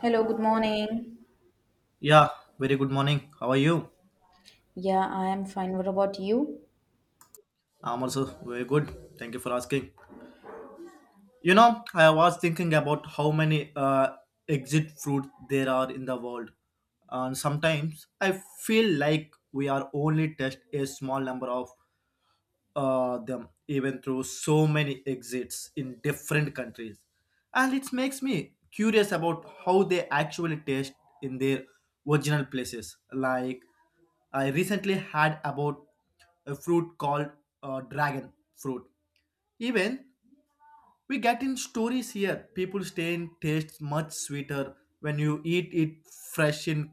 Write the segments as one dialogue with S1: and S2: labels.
S1: Hello, good morning.
S2: Yeah, very good morning. How are you?
S1: Yeah, I am fine. What about you?
S2: I'm also very good. Thank you for asking. You know, I was thinking about how many exit fruits there are in the world. And sometimes I feel like we are only test a small number of them even through so many exits in different countries. And it makes me curious about how they actually taste in their original places. Like, I recently had about a fruit called dragon fruit. Even we get in stories here, people stay in tastes much sweeter when you eat it fresh in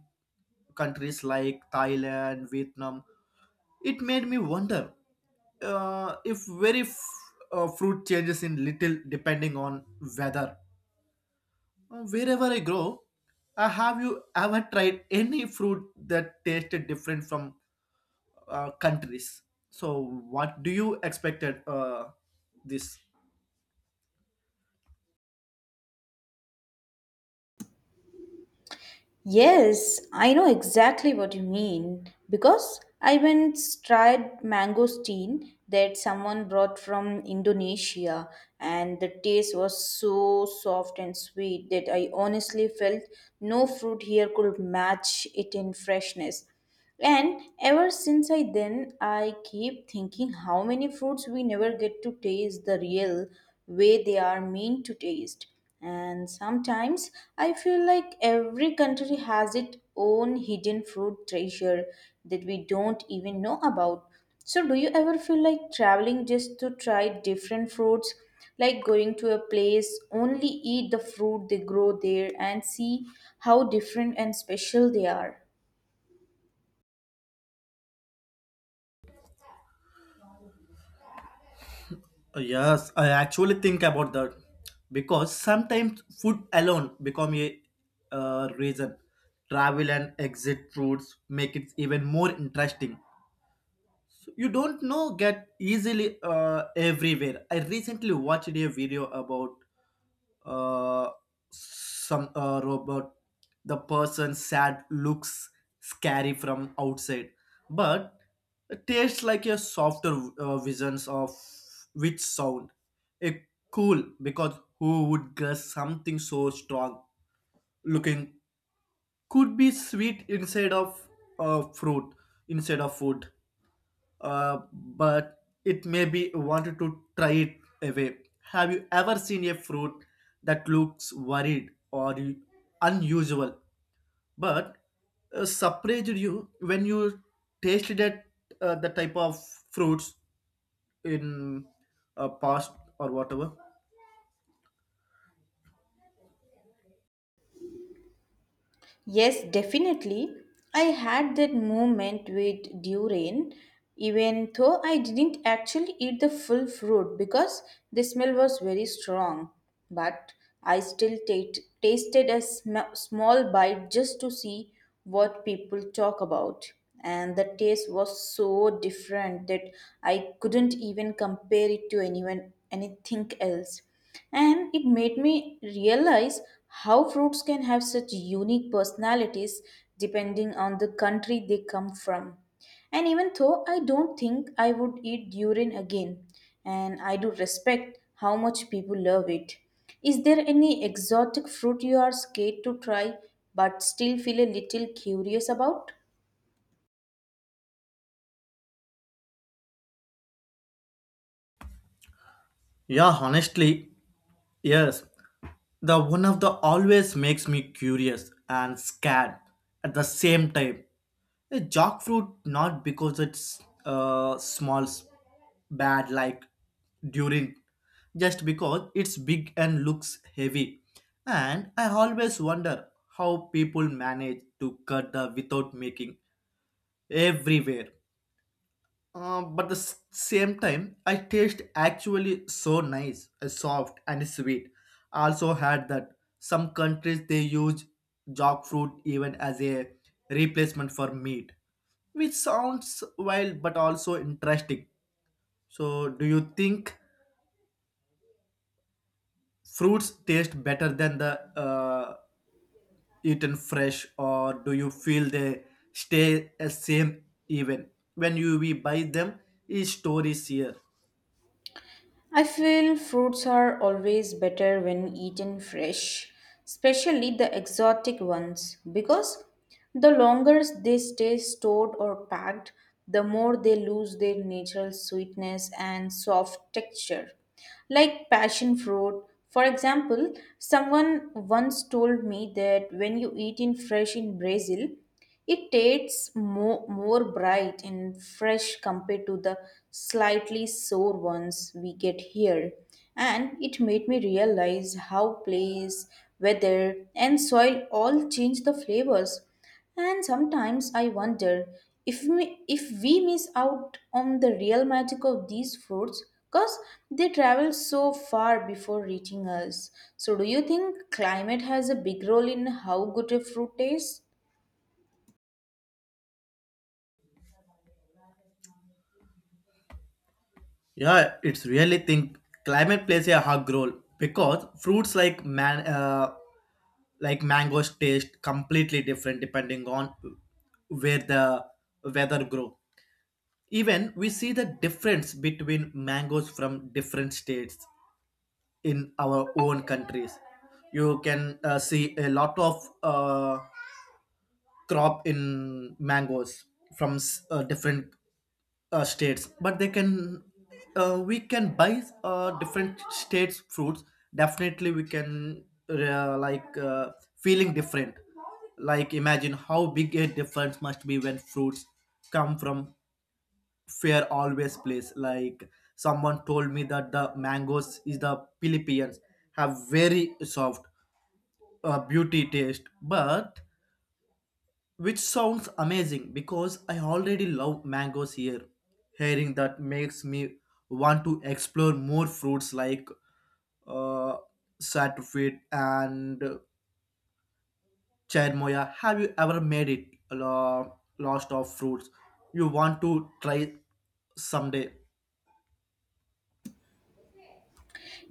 S2: countries like Thailand, Vietnam, it made me wonder, if fruit changes in little depending on weather. Wherever I grow, have you ever tried any fruit that tasted different from countries? So, what do you expected this?
S1: Yes, I know exactly what you mean because I once tried mangosteen that someone brought from Indonesia, and the taste was so soft and sweet that I honestly felt no fruit here could match it in freshness. And ever since I then, I keep thinking how many fruits we never get to taste the real way they are meant to taste. And sometimes I feel like every country has its own hidden fruit treasure that we don't even know about. So, do you ever feel like traveling just to try different fruits? Like going to a place, only eat the fruit they grow there and see how different and special they are.
S2: Yes, I actually think about that because sometimes food alone become a reason. Travel and exit routes make it even more interesting. So you don't know get easily everywhere. I recently watched a video about uh, some robot. The person sad looks scary from outside, but it tastes like a softer visions of which sound. A cool because who would guess something so strong looking could be sweet inside of fruit instead of food, but it may be wanted to try it away. Have you ever seen a fruit that looks worried or unusual, but surprised you when you tasted that, the type of fruits in past or whatever?
S1: Yes, definitely. I had that moment with durian, even though I didn't actually eat the full fruit because the smell was very strong. But I still ta- tasted a small bite just to see what people talk about, and the taste was so different that I couldn't even compare it to anyone anything else, and it made me realize how fruits can have such unique personalities depending on the country they come from. And even though I don't think I would eat durian again, and I do respect how much people love it. Is there any exotic fruit you are scared to try but still feel a little curious about?
S2: Yeah, honestly, yes. The one of the always makes me curious and scared at the same time. A jackfruit, not because it's bad like during, just because it's big and looks heavy and I always wonder how people manage to cut the without making everywhere, but the same time, I taste actually so nice, soft and sweet. I also had that some countries they use jackfruit even as a replacement for meat, which sounds wild but also interesting. So, do you think fruits taste better than the uh, eaten fresh, or do you feel they stay the same even when you we buy them? Is stories here.
S1: I feel fruits are always better when eaten fresh, especially the exotic ones, because the longer they stay stored or packed, the more they lose their natural sweetness and soft texture. Like passion fruit, for example, someone once told me that when you eat it fresh in Brazil, it tastes more bright and fresh compared to the slightly sour ones we get here. And it made me realize how place, weather, and soil all change the flavors. And sometimes I wonder if we miss out on the real magic of these fruits because they travel so far before reaching us. So, do you think climate has a big role in how good a fruit tastes?
S2: Yeah, it's really think climate plays a hug role because fruits like man like mangoes taste completely different depending on where the weather grow. Even we see the difference between mangoes from different states in our own countries. You can see a lot of crop in mangoes from different states, but they can, we can buy different states fruits, definitely we can, like feeling different, like imagine how big a difference must be when fruits come from fair always place, like someone told me that the mangoes is the Philippines have very soft beauty taste but which sounds amazing because I already love mangoes here. Hearing that makes me want to explore more fruits like uh, saturfruit and cherimoya. Have you ever made it lost of fruits? You want to try someday?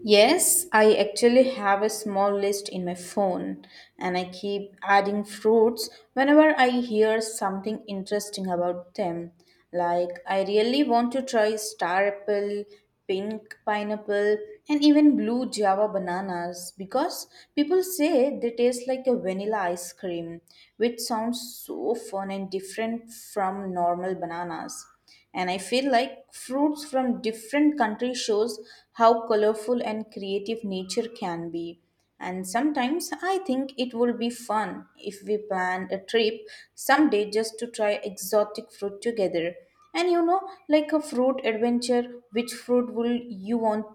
S1: Yes, I actually have a small list in my phone, and I keep adding fruits whenever I hear something interesting about them. Like, I really want to try star apple, pink pineapple, and even blue java bananas because people say they taste like a vanilla ice cream, which sounds so fun and different from normal bananas. And I feel like fruits from different countries shows how colorful and creative nature can be. And sometimes I think it would be fun if we plan a trip someday just to try exotic fruit together, and you know, like a fruit adventure. Which fruit will you want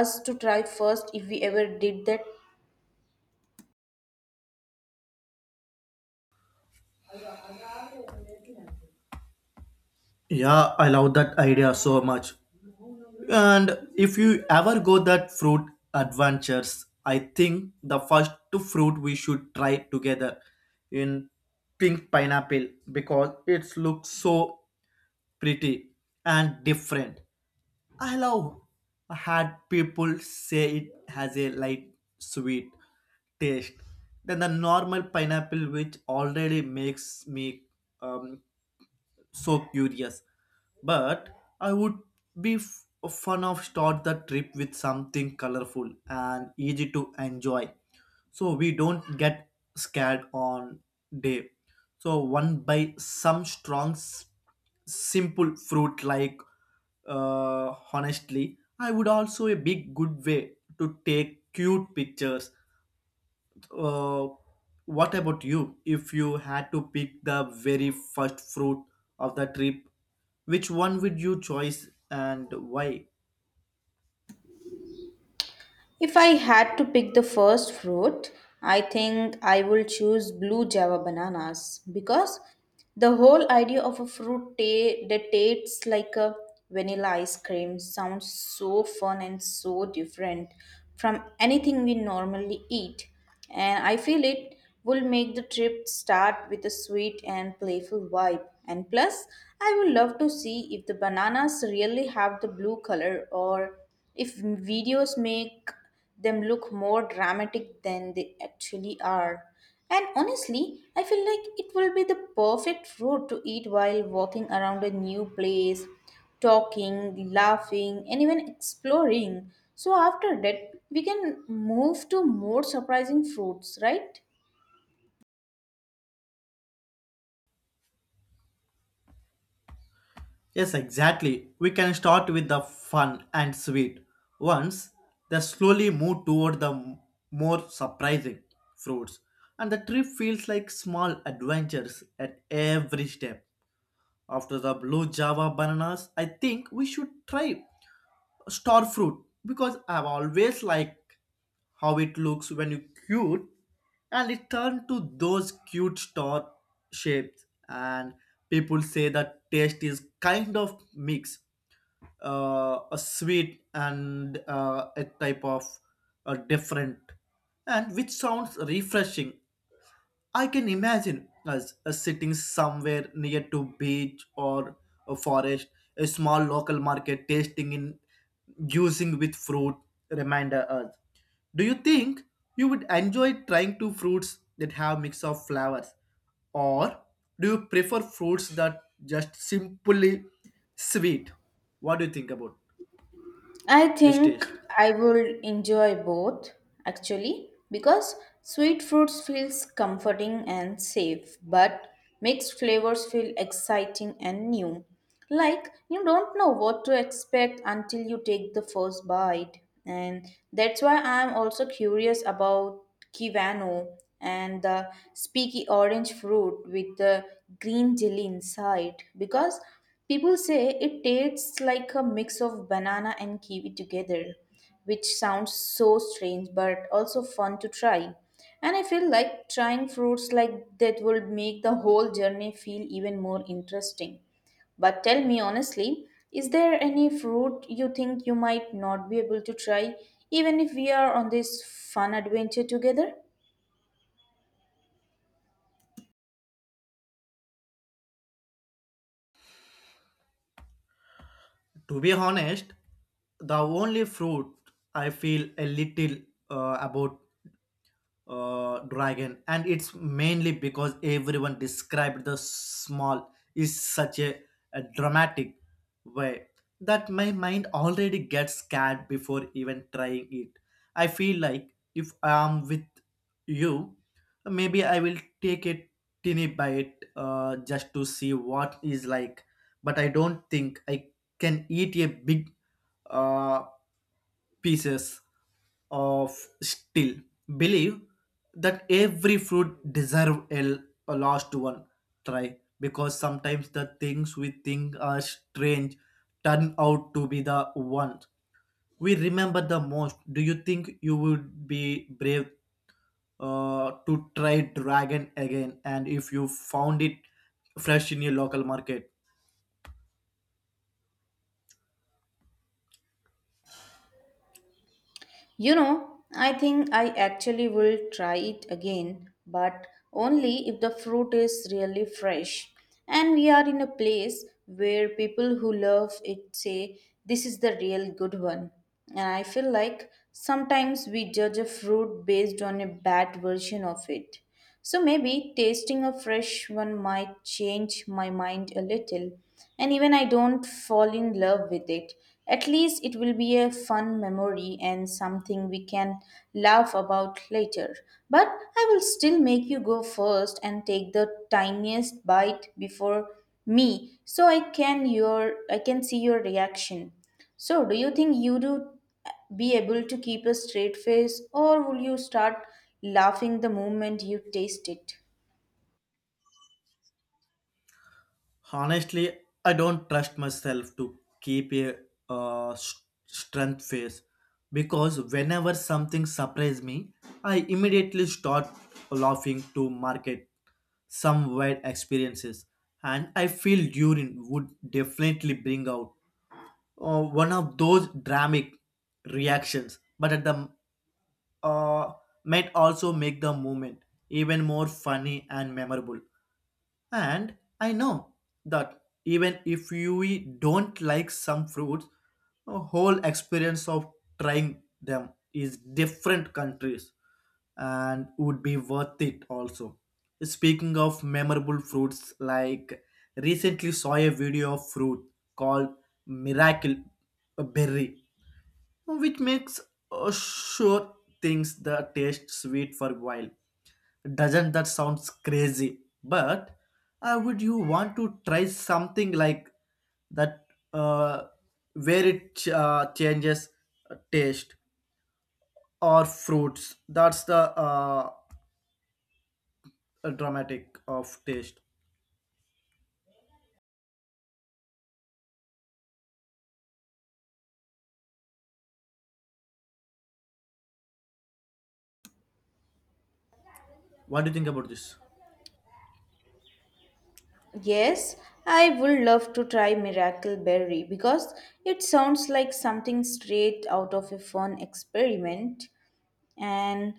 S1: us to try first if we ever did that?
S2: Yeah, I love that idea so much. And if you ever go that fruit adventures, I think the first two fruit we should try together in pink pineapple because it looks so pretty and different. I love, I had people say it has a light sweet taste than the normal pineapple which already makes me um, so curious, but I would be f- fun of start the trip with something colorful and easy to enjoy so we don't get scared on day, so one by some strong simple fruit like, honestly I would also a big good way to take cute pictures. uh, what about you? If you had to pick the very first fruit of the trip, which one would you choose and why?
S1: If I had to pick the first fruit, I think I will choose blue java bananas because the whole idea of a fruit that tastes like a vanilla ice cream sounds so fun and so different from anything we normally eat. And I feel it will make the trip start with a sweet and playful vibe. And plus, I would love to see if the bananas really have the blue color or if videos make them look more dramatic than they actually are. And honestly, I feel like it will be the perfect food to eat while walking around a new place, talking, laughing, and even exploring. So after that, we can move to more surprising fruits, right?
S2: Yes, exactly. We can start with the fun and sweet ones, then slowly move toward the more surprising fruits. And the trip feels like small adventures at every step. After the blue java bananas, I think we should try star fruit because I've always liked how it looks when you cute and it turned to those cute star shapes, and people say that taste is kind of mix, a sweet and, a type of different, and which sounds refreshing. I can imagine us sitting somewhere near to beach or a forest, a small local market tasting in using with fruit reminder us. Do you think you would enjoy trying to fruits that have mix of flowers, or do you prefer fruits that just simply sweet? What do you think about
S1: I
S2: this
S1: think
S2: taste?
S1: I would enjoy both actually, because sweet fruits feels comforting and safe but mixed flavors feel exciting and new, like you don't know what to expect until you take the first bite. And that's why I'm also curious about Kiwano and the speaky orange fruit with the green jelly inside, because people say it tastes like a mix of banana and kiwi together, which sounds so strange but also fun to try. And I feel like trying fruits like that will make the whole journey feel even more interesting. But tell me honestly, is there any fruit you think you might not be able to try, even if we are on this fun adventure together?
S2: To be honest, the only fruit I feel a little about, dragon, and it's mainly because everyone described the small is such a dramatic way that my mind already gets scared before even trying it. I feel like if I'm with you, maybe I will take a teeny bite, just to see what is like, but I don't think I can eat a big, uh, pieces of steel. Believe that every fruit deserve a last one try because sometimes the things we think are strange turn out to be the ones we remember the most. Do you think you would be brave, to try dragon again, and if you found it fresh in your local market?
S1: You know, I think I actually will try it again, but only if the fruit is really fresh. And we are in a place where people who love it say, "This is the real good one." And I feel like sometimes we judge a fruit based on a bad version of it. So maybe tasting a fresh one might change my mind a little, and even I don't fall in love with it. At least it will be a fun memory and something we can laugh about later. But I will still make you go first and take the tiniest bite before me so I can your I can see your reaction. So, do you think you do be able to keep a straight face, or will you start laughing the moment you taste it?
S2: Honestly, I don't trust myself to keep a, strength face because whenever something surprises me, I immediately start laughing to market some weird experiences, and I feel urine would definitely bring out one of those dramatic reactions, but at the, uh, might also make the moment even more funny and memorable. And I know that even if you don't like some fruits, the whole experience of trying them is different countries and would be worth it also. Speaking of memorable fruits, like recently saw a video of fruit called Miracle Berry, which makes, sure things that taste sweet for a while. Doesn't that sounds crazy? But would you want to try something like that, uh, where it changes taste or fruits? That's the dramatic of taste. What do you think about this?
S1: Yes, I would love to try Miracle Berry because it sounds like something straight out of a fun experiment. And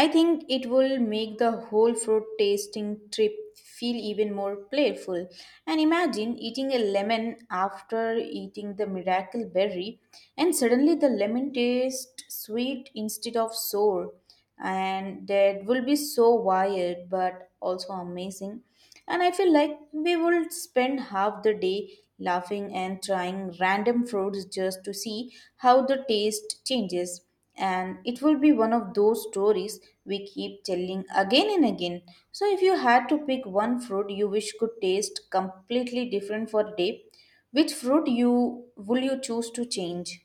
S1: I think it will make the whole fruit tasting trip feel even more playful. And imagine eating a lemon after eating the miracle berry, and suddenly the lemon tastes sweet instead of sour, and that will be so wild but also amazing. And I feel like we would spend half the day laughing and trying random fruits just to see how the taste changes. And it will be one of those stories we keep telling again and again. So, if you had to pick one fruit you wish could taste completely different for a day, which fruit you choose to change?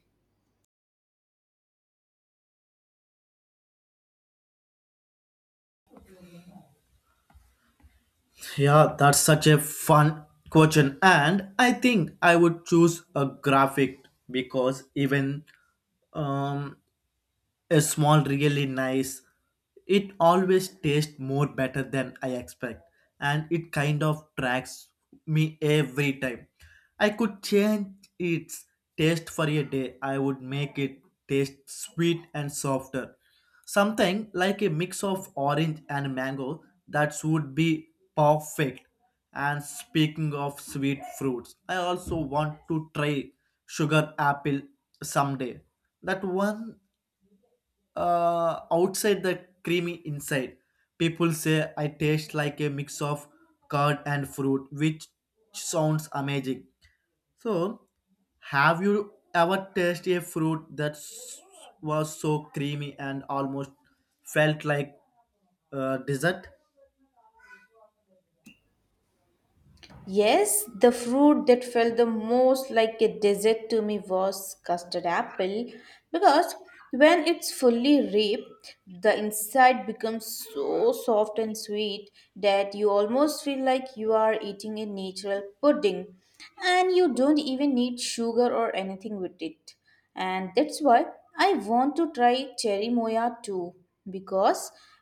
S2: Yeah, that's such a fun question. And I think I would choose a graphic because even um, a small really nice, it always tastes more better than I expect, and it kind of tracks me every time. I could change its taste for a day, I would make it taste sweet and softer, something like a mix of orange and mango. That would be perfect. And speaking of sweet fruits, I also want to try sugar apple someday. That one outside the creamy inside. People say I taste like a mix of curd and fruit, which sounds amazing. So, have you ever tasted a fruit that was so creamy and almost felt like dessert?
S1: Yes, the fruit that felt the most like a dessert to me was custard apple because when it's fully ripe, the inside becomes so soft and sweet that you almost feel like you are eating a natural pudding, and you don't even need sugar or anything with it. And that's why I want to try cherry moya too because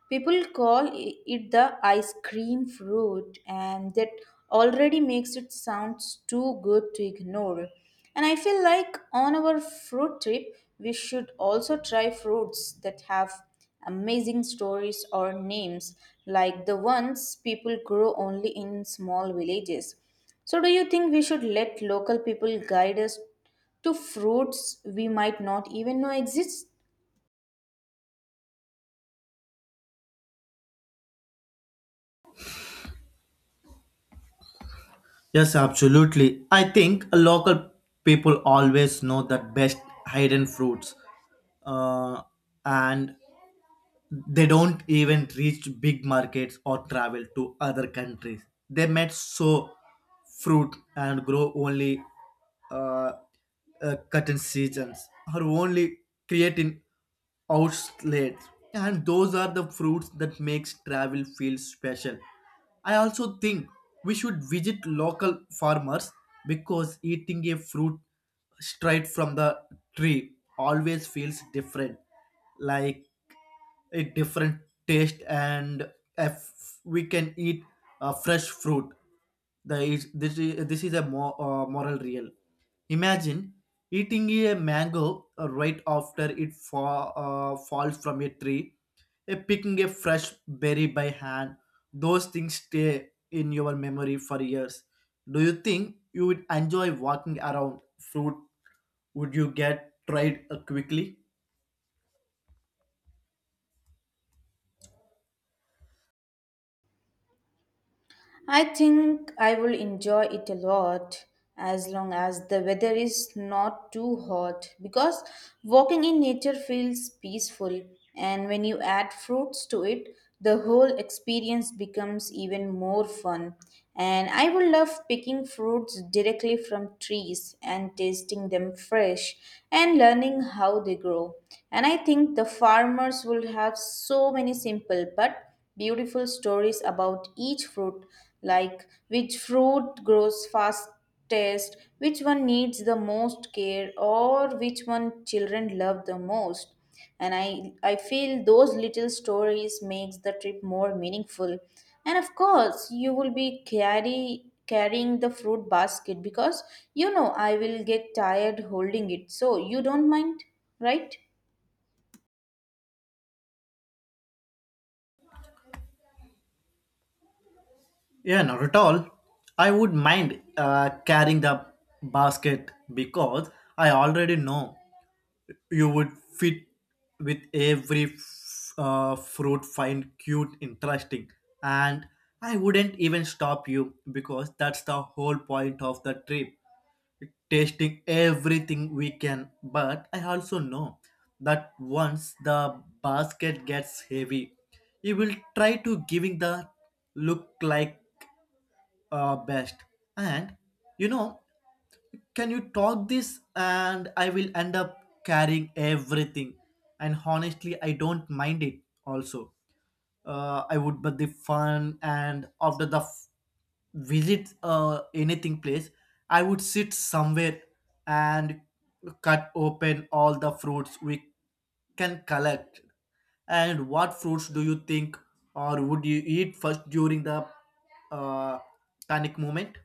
S1: people call it the ice cream fruit, and that already makes it sounds too good to ignore. And I feel like on our fruit trip we should also try fruits that have amazing stories or names, like the ones people grow only in small villages. So, do you think we should let local people guide us to fruits we might not even know exist?
S2: Yes, absolutely. I think local people always know the best hidden fruits, uh, and they don't even reach big markets or travel to other countries. They might sow fruit and grow only, uh, cotton seasons or only create in outlets. And those are the fruits that makes travel feel special. I also think we should visit local farmers because eating a fruit straight from the tree always feels different. Like a different taste. And if we can eat fresh fruit, the is this is this is a moral real. Imagine eating a mango right after it falls from a tree, picking a fresh berry by hand. Those things stay in your memory for years. Do you think you would enjoy walking around fruit? Would you get tried quickly?
S1: I think I will enjoy it a lot as long as the weather is not too hot, because walking in nature feels peaceful, and when you add fruits to it the whole experience becomes even more fun. And I will love picking fruits directly from trees and tasting them fresh and learning how they grow. And I think the farmers will have so many simple but beautiful stories about each fruit, like which fruit grows fastest, which one needs the most care, or which one children love the most. And I feel those little stories makes the trip more meaningful. And of course, you will be carrying the fruit basket because you know I will get tired holding it. So you don't mind, right?
S2: Yeah, not at all. I would mind carrying the basket because I already know you would fit with every fruit, find cute, interesting, and I wouldn't even stop you because that's the whole point of the trip, tasting everything we can. But I also know that once the basket gets heavy, you will try to giving the look like, best. And you know, can you talk this, and I will end up carrying everything. And honestly, I don't mind it also, I would but the fun. And after the visit anything place, I would sit somewhere and cut open all the fruits we can collect. And what fruits do you think or would you eat first during the uh, panic moment?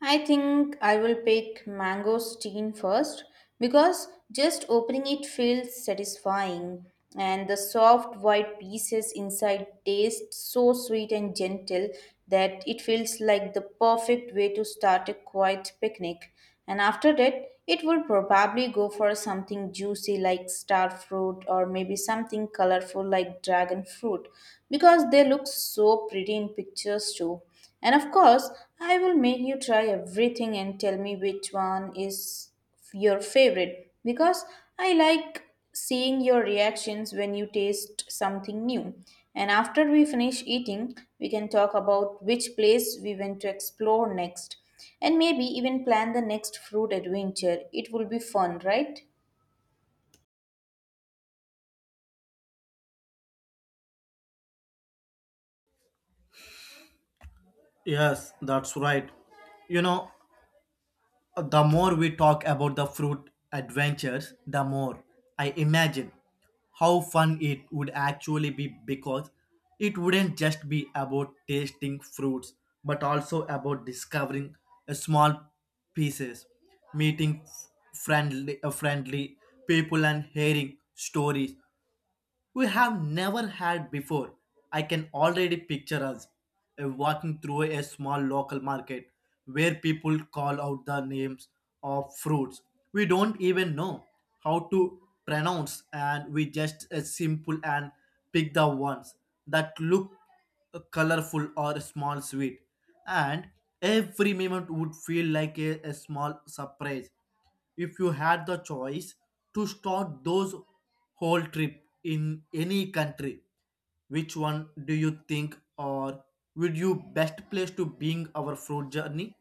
S1: I think I will pick mango steen first because just opening it feels satisfying, and the soft white pieces inside taste so sweet and gentle that it feels like the perfect way to start a quiet picnic. And after that, it would probably go for something juicy like star fruit, or maybe something colorful like dragon fruit because they look so pretty in pictures too. And of course, I will make you try everything and tell me which one is your favorite, because I like seeing your reactions when you taste something new. And after we finish eating, we can talk about which place we want to explore next and maybe even plan the next fruit adventure. It will be fun, right?
S2: Yes, that's right. You know, the more we talk about the fruit adventures, the more I imagine how fun it would actually be because it wouldn't just be about tasting fruits but also about discovering a small pieces, meeting friendly people, and hearing stories we have never had before. I can already picture us walking through a small local market where people call out the names of fruits we don't even know how to pronounce, and we just, simple and pick the ones that look colorful or small sweet. And every moment would feel like a small surprise. If you had the choice to start those whole trip in any country, which one do you think, or would you best place to being our fruit journey?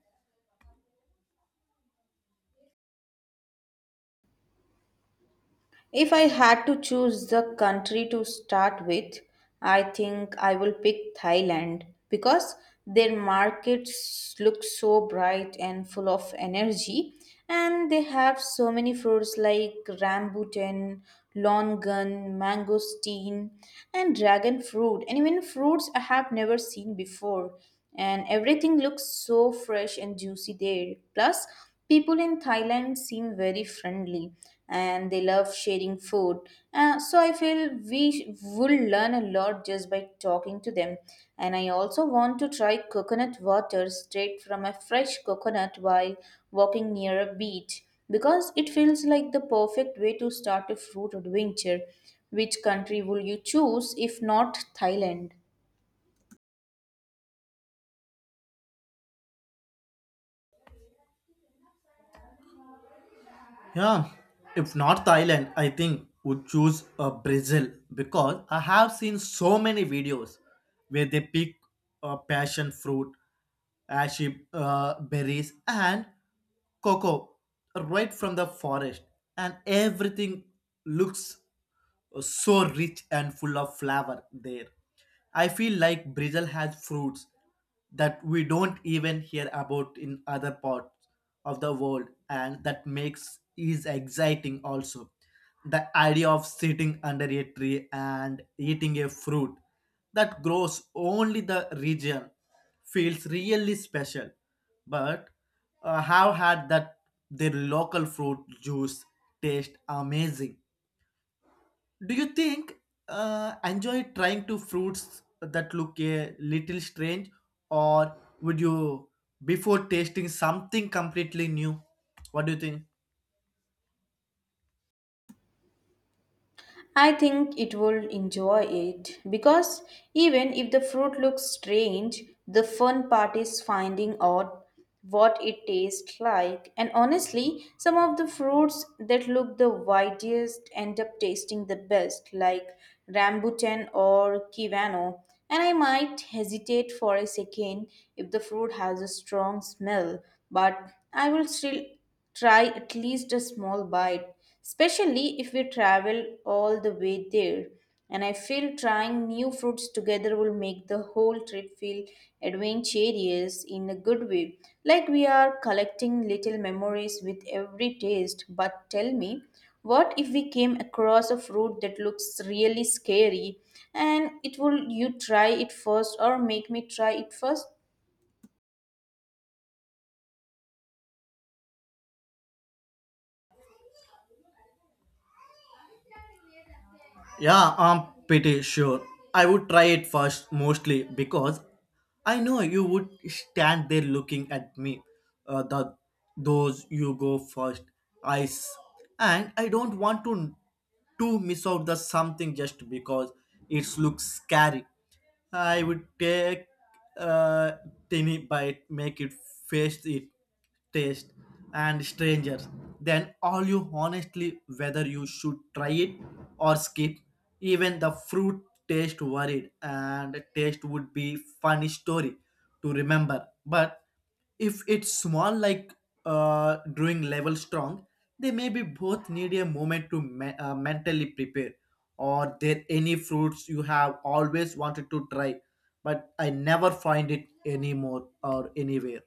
S1: If I had to choose the country to start with, I think I will pick Thailand because their markets look so bright and full of energy, and they have so many fruits like rambutan, longan, mangosteen and dragon fruit, and even fruits I have never seen before, and everything looks so fresh and juicy there. Plus, people in Thailand seem very friendly and they love sharing food. So I feel will learn a lot just by talking to them. And I also want to try coconut water straight from a fresh coconut while walking near a beach because it feels like the perfect way to start a fruit adventure. Which country will you choose if not Thailand?
S2: Yeah, if not Thailand, I think would choose Brazil because I have seen so many videos where they pick passion fruit, ashy berries, and cocoa right from the forest, and everything looks so rich and full of flavor there. I feel like Brazil has fruits that we don't even hear about in other parts of the world, and that makes is exciting also. The idea of sitting under a tree and eating a fruit that grows only the region feels really special. But have had that their local fruit juice taste amazing. Do you think, enjoy trying to fruits that look a little strange, or would you before tasting something completely new? What do you think?
S1: I think it will enjoy it because even if the fruit looks strange, the fun part is finding out what it tastes like. And honestly, some of the fruits that look the whitest end up tasting the best, like rambutan or kiwano. And I might hesitate for a second if the fruit has a strong smell, but I will still try at least a small bite, especially if we travel all the way there. And I feel trying new fruits together will make the whole trip feel adventurous in a good way, like we are collecting little memories with every taste. But tell me, what if we came across a fruit that looks really scary, and it will you try it first or make me try it first?
S2: Yeah, I'm pretty sure. I would try it first, mostly because I know you would stand there looking at me. The those you go first eyes, and I don't want to miss out the something just because it looks scary. I would take a tiny bite, make it face it, taste, and stranger. Then all you honestly whether you should try it or skip. Even the fruit taste worried, and taste would be funny story to remember. But if it's small like drawing level strong, they may be both need a moment to mentally prepare. Or there any fruits you have always wanted to try, but I never find it anymore or anywhere?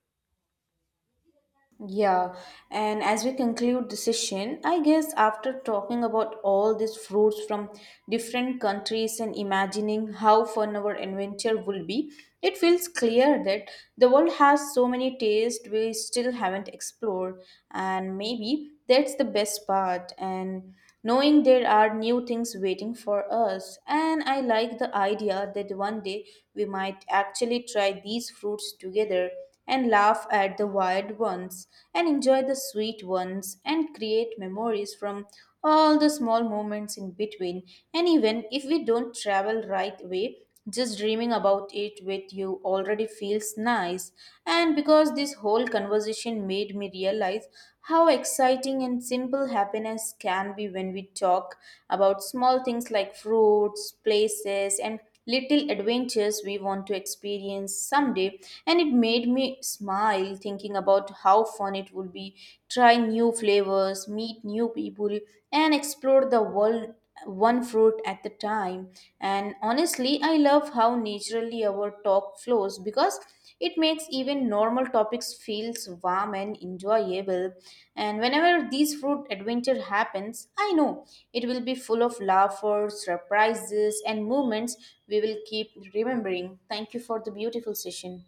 S1: Yeah, and as we conclude the session, I guess after talking about all these fruits from different countries and imagining how fun our adventure will be, it feels clear that the world has so many tastes we still haven't explored, and maybe that's the best part. And knowing there are new things waiting for us. And I like the idea that one day we might actually try these fruits together and laugh at the wild ones and enjoy the sweet ones and create memories from all the small moments in between. And even if we don't travel right away, just dreaming about it with you already feels nice, and because this whole conversation made me realize how exciting and simple happiness can be when we talk about small things like fruits, places, and little adventures we want to experience someday. And it made me smile thinking about how fun it would be try new flavors, meet new people, and explore the world one fruit at the time. And honestly, I love how naturally our talk flows because it makes even normal topics feels warm and enjoyable. And whenever this fruit adventure happens, I know it will be full of laughter, surprises, and moments we will keep remembering. Thank you for the beautiful session.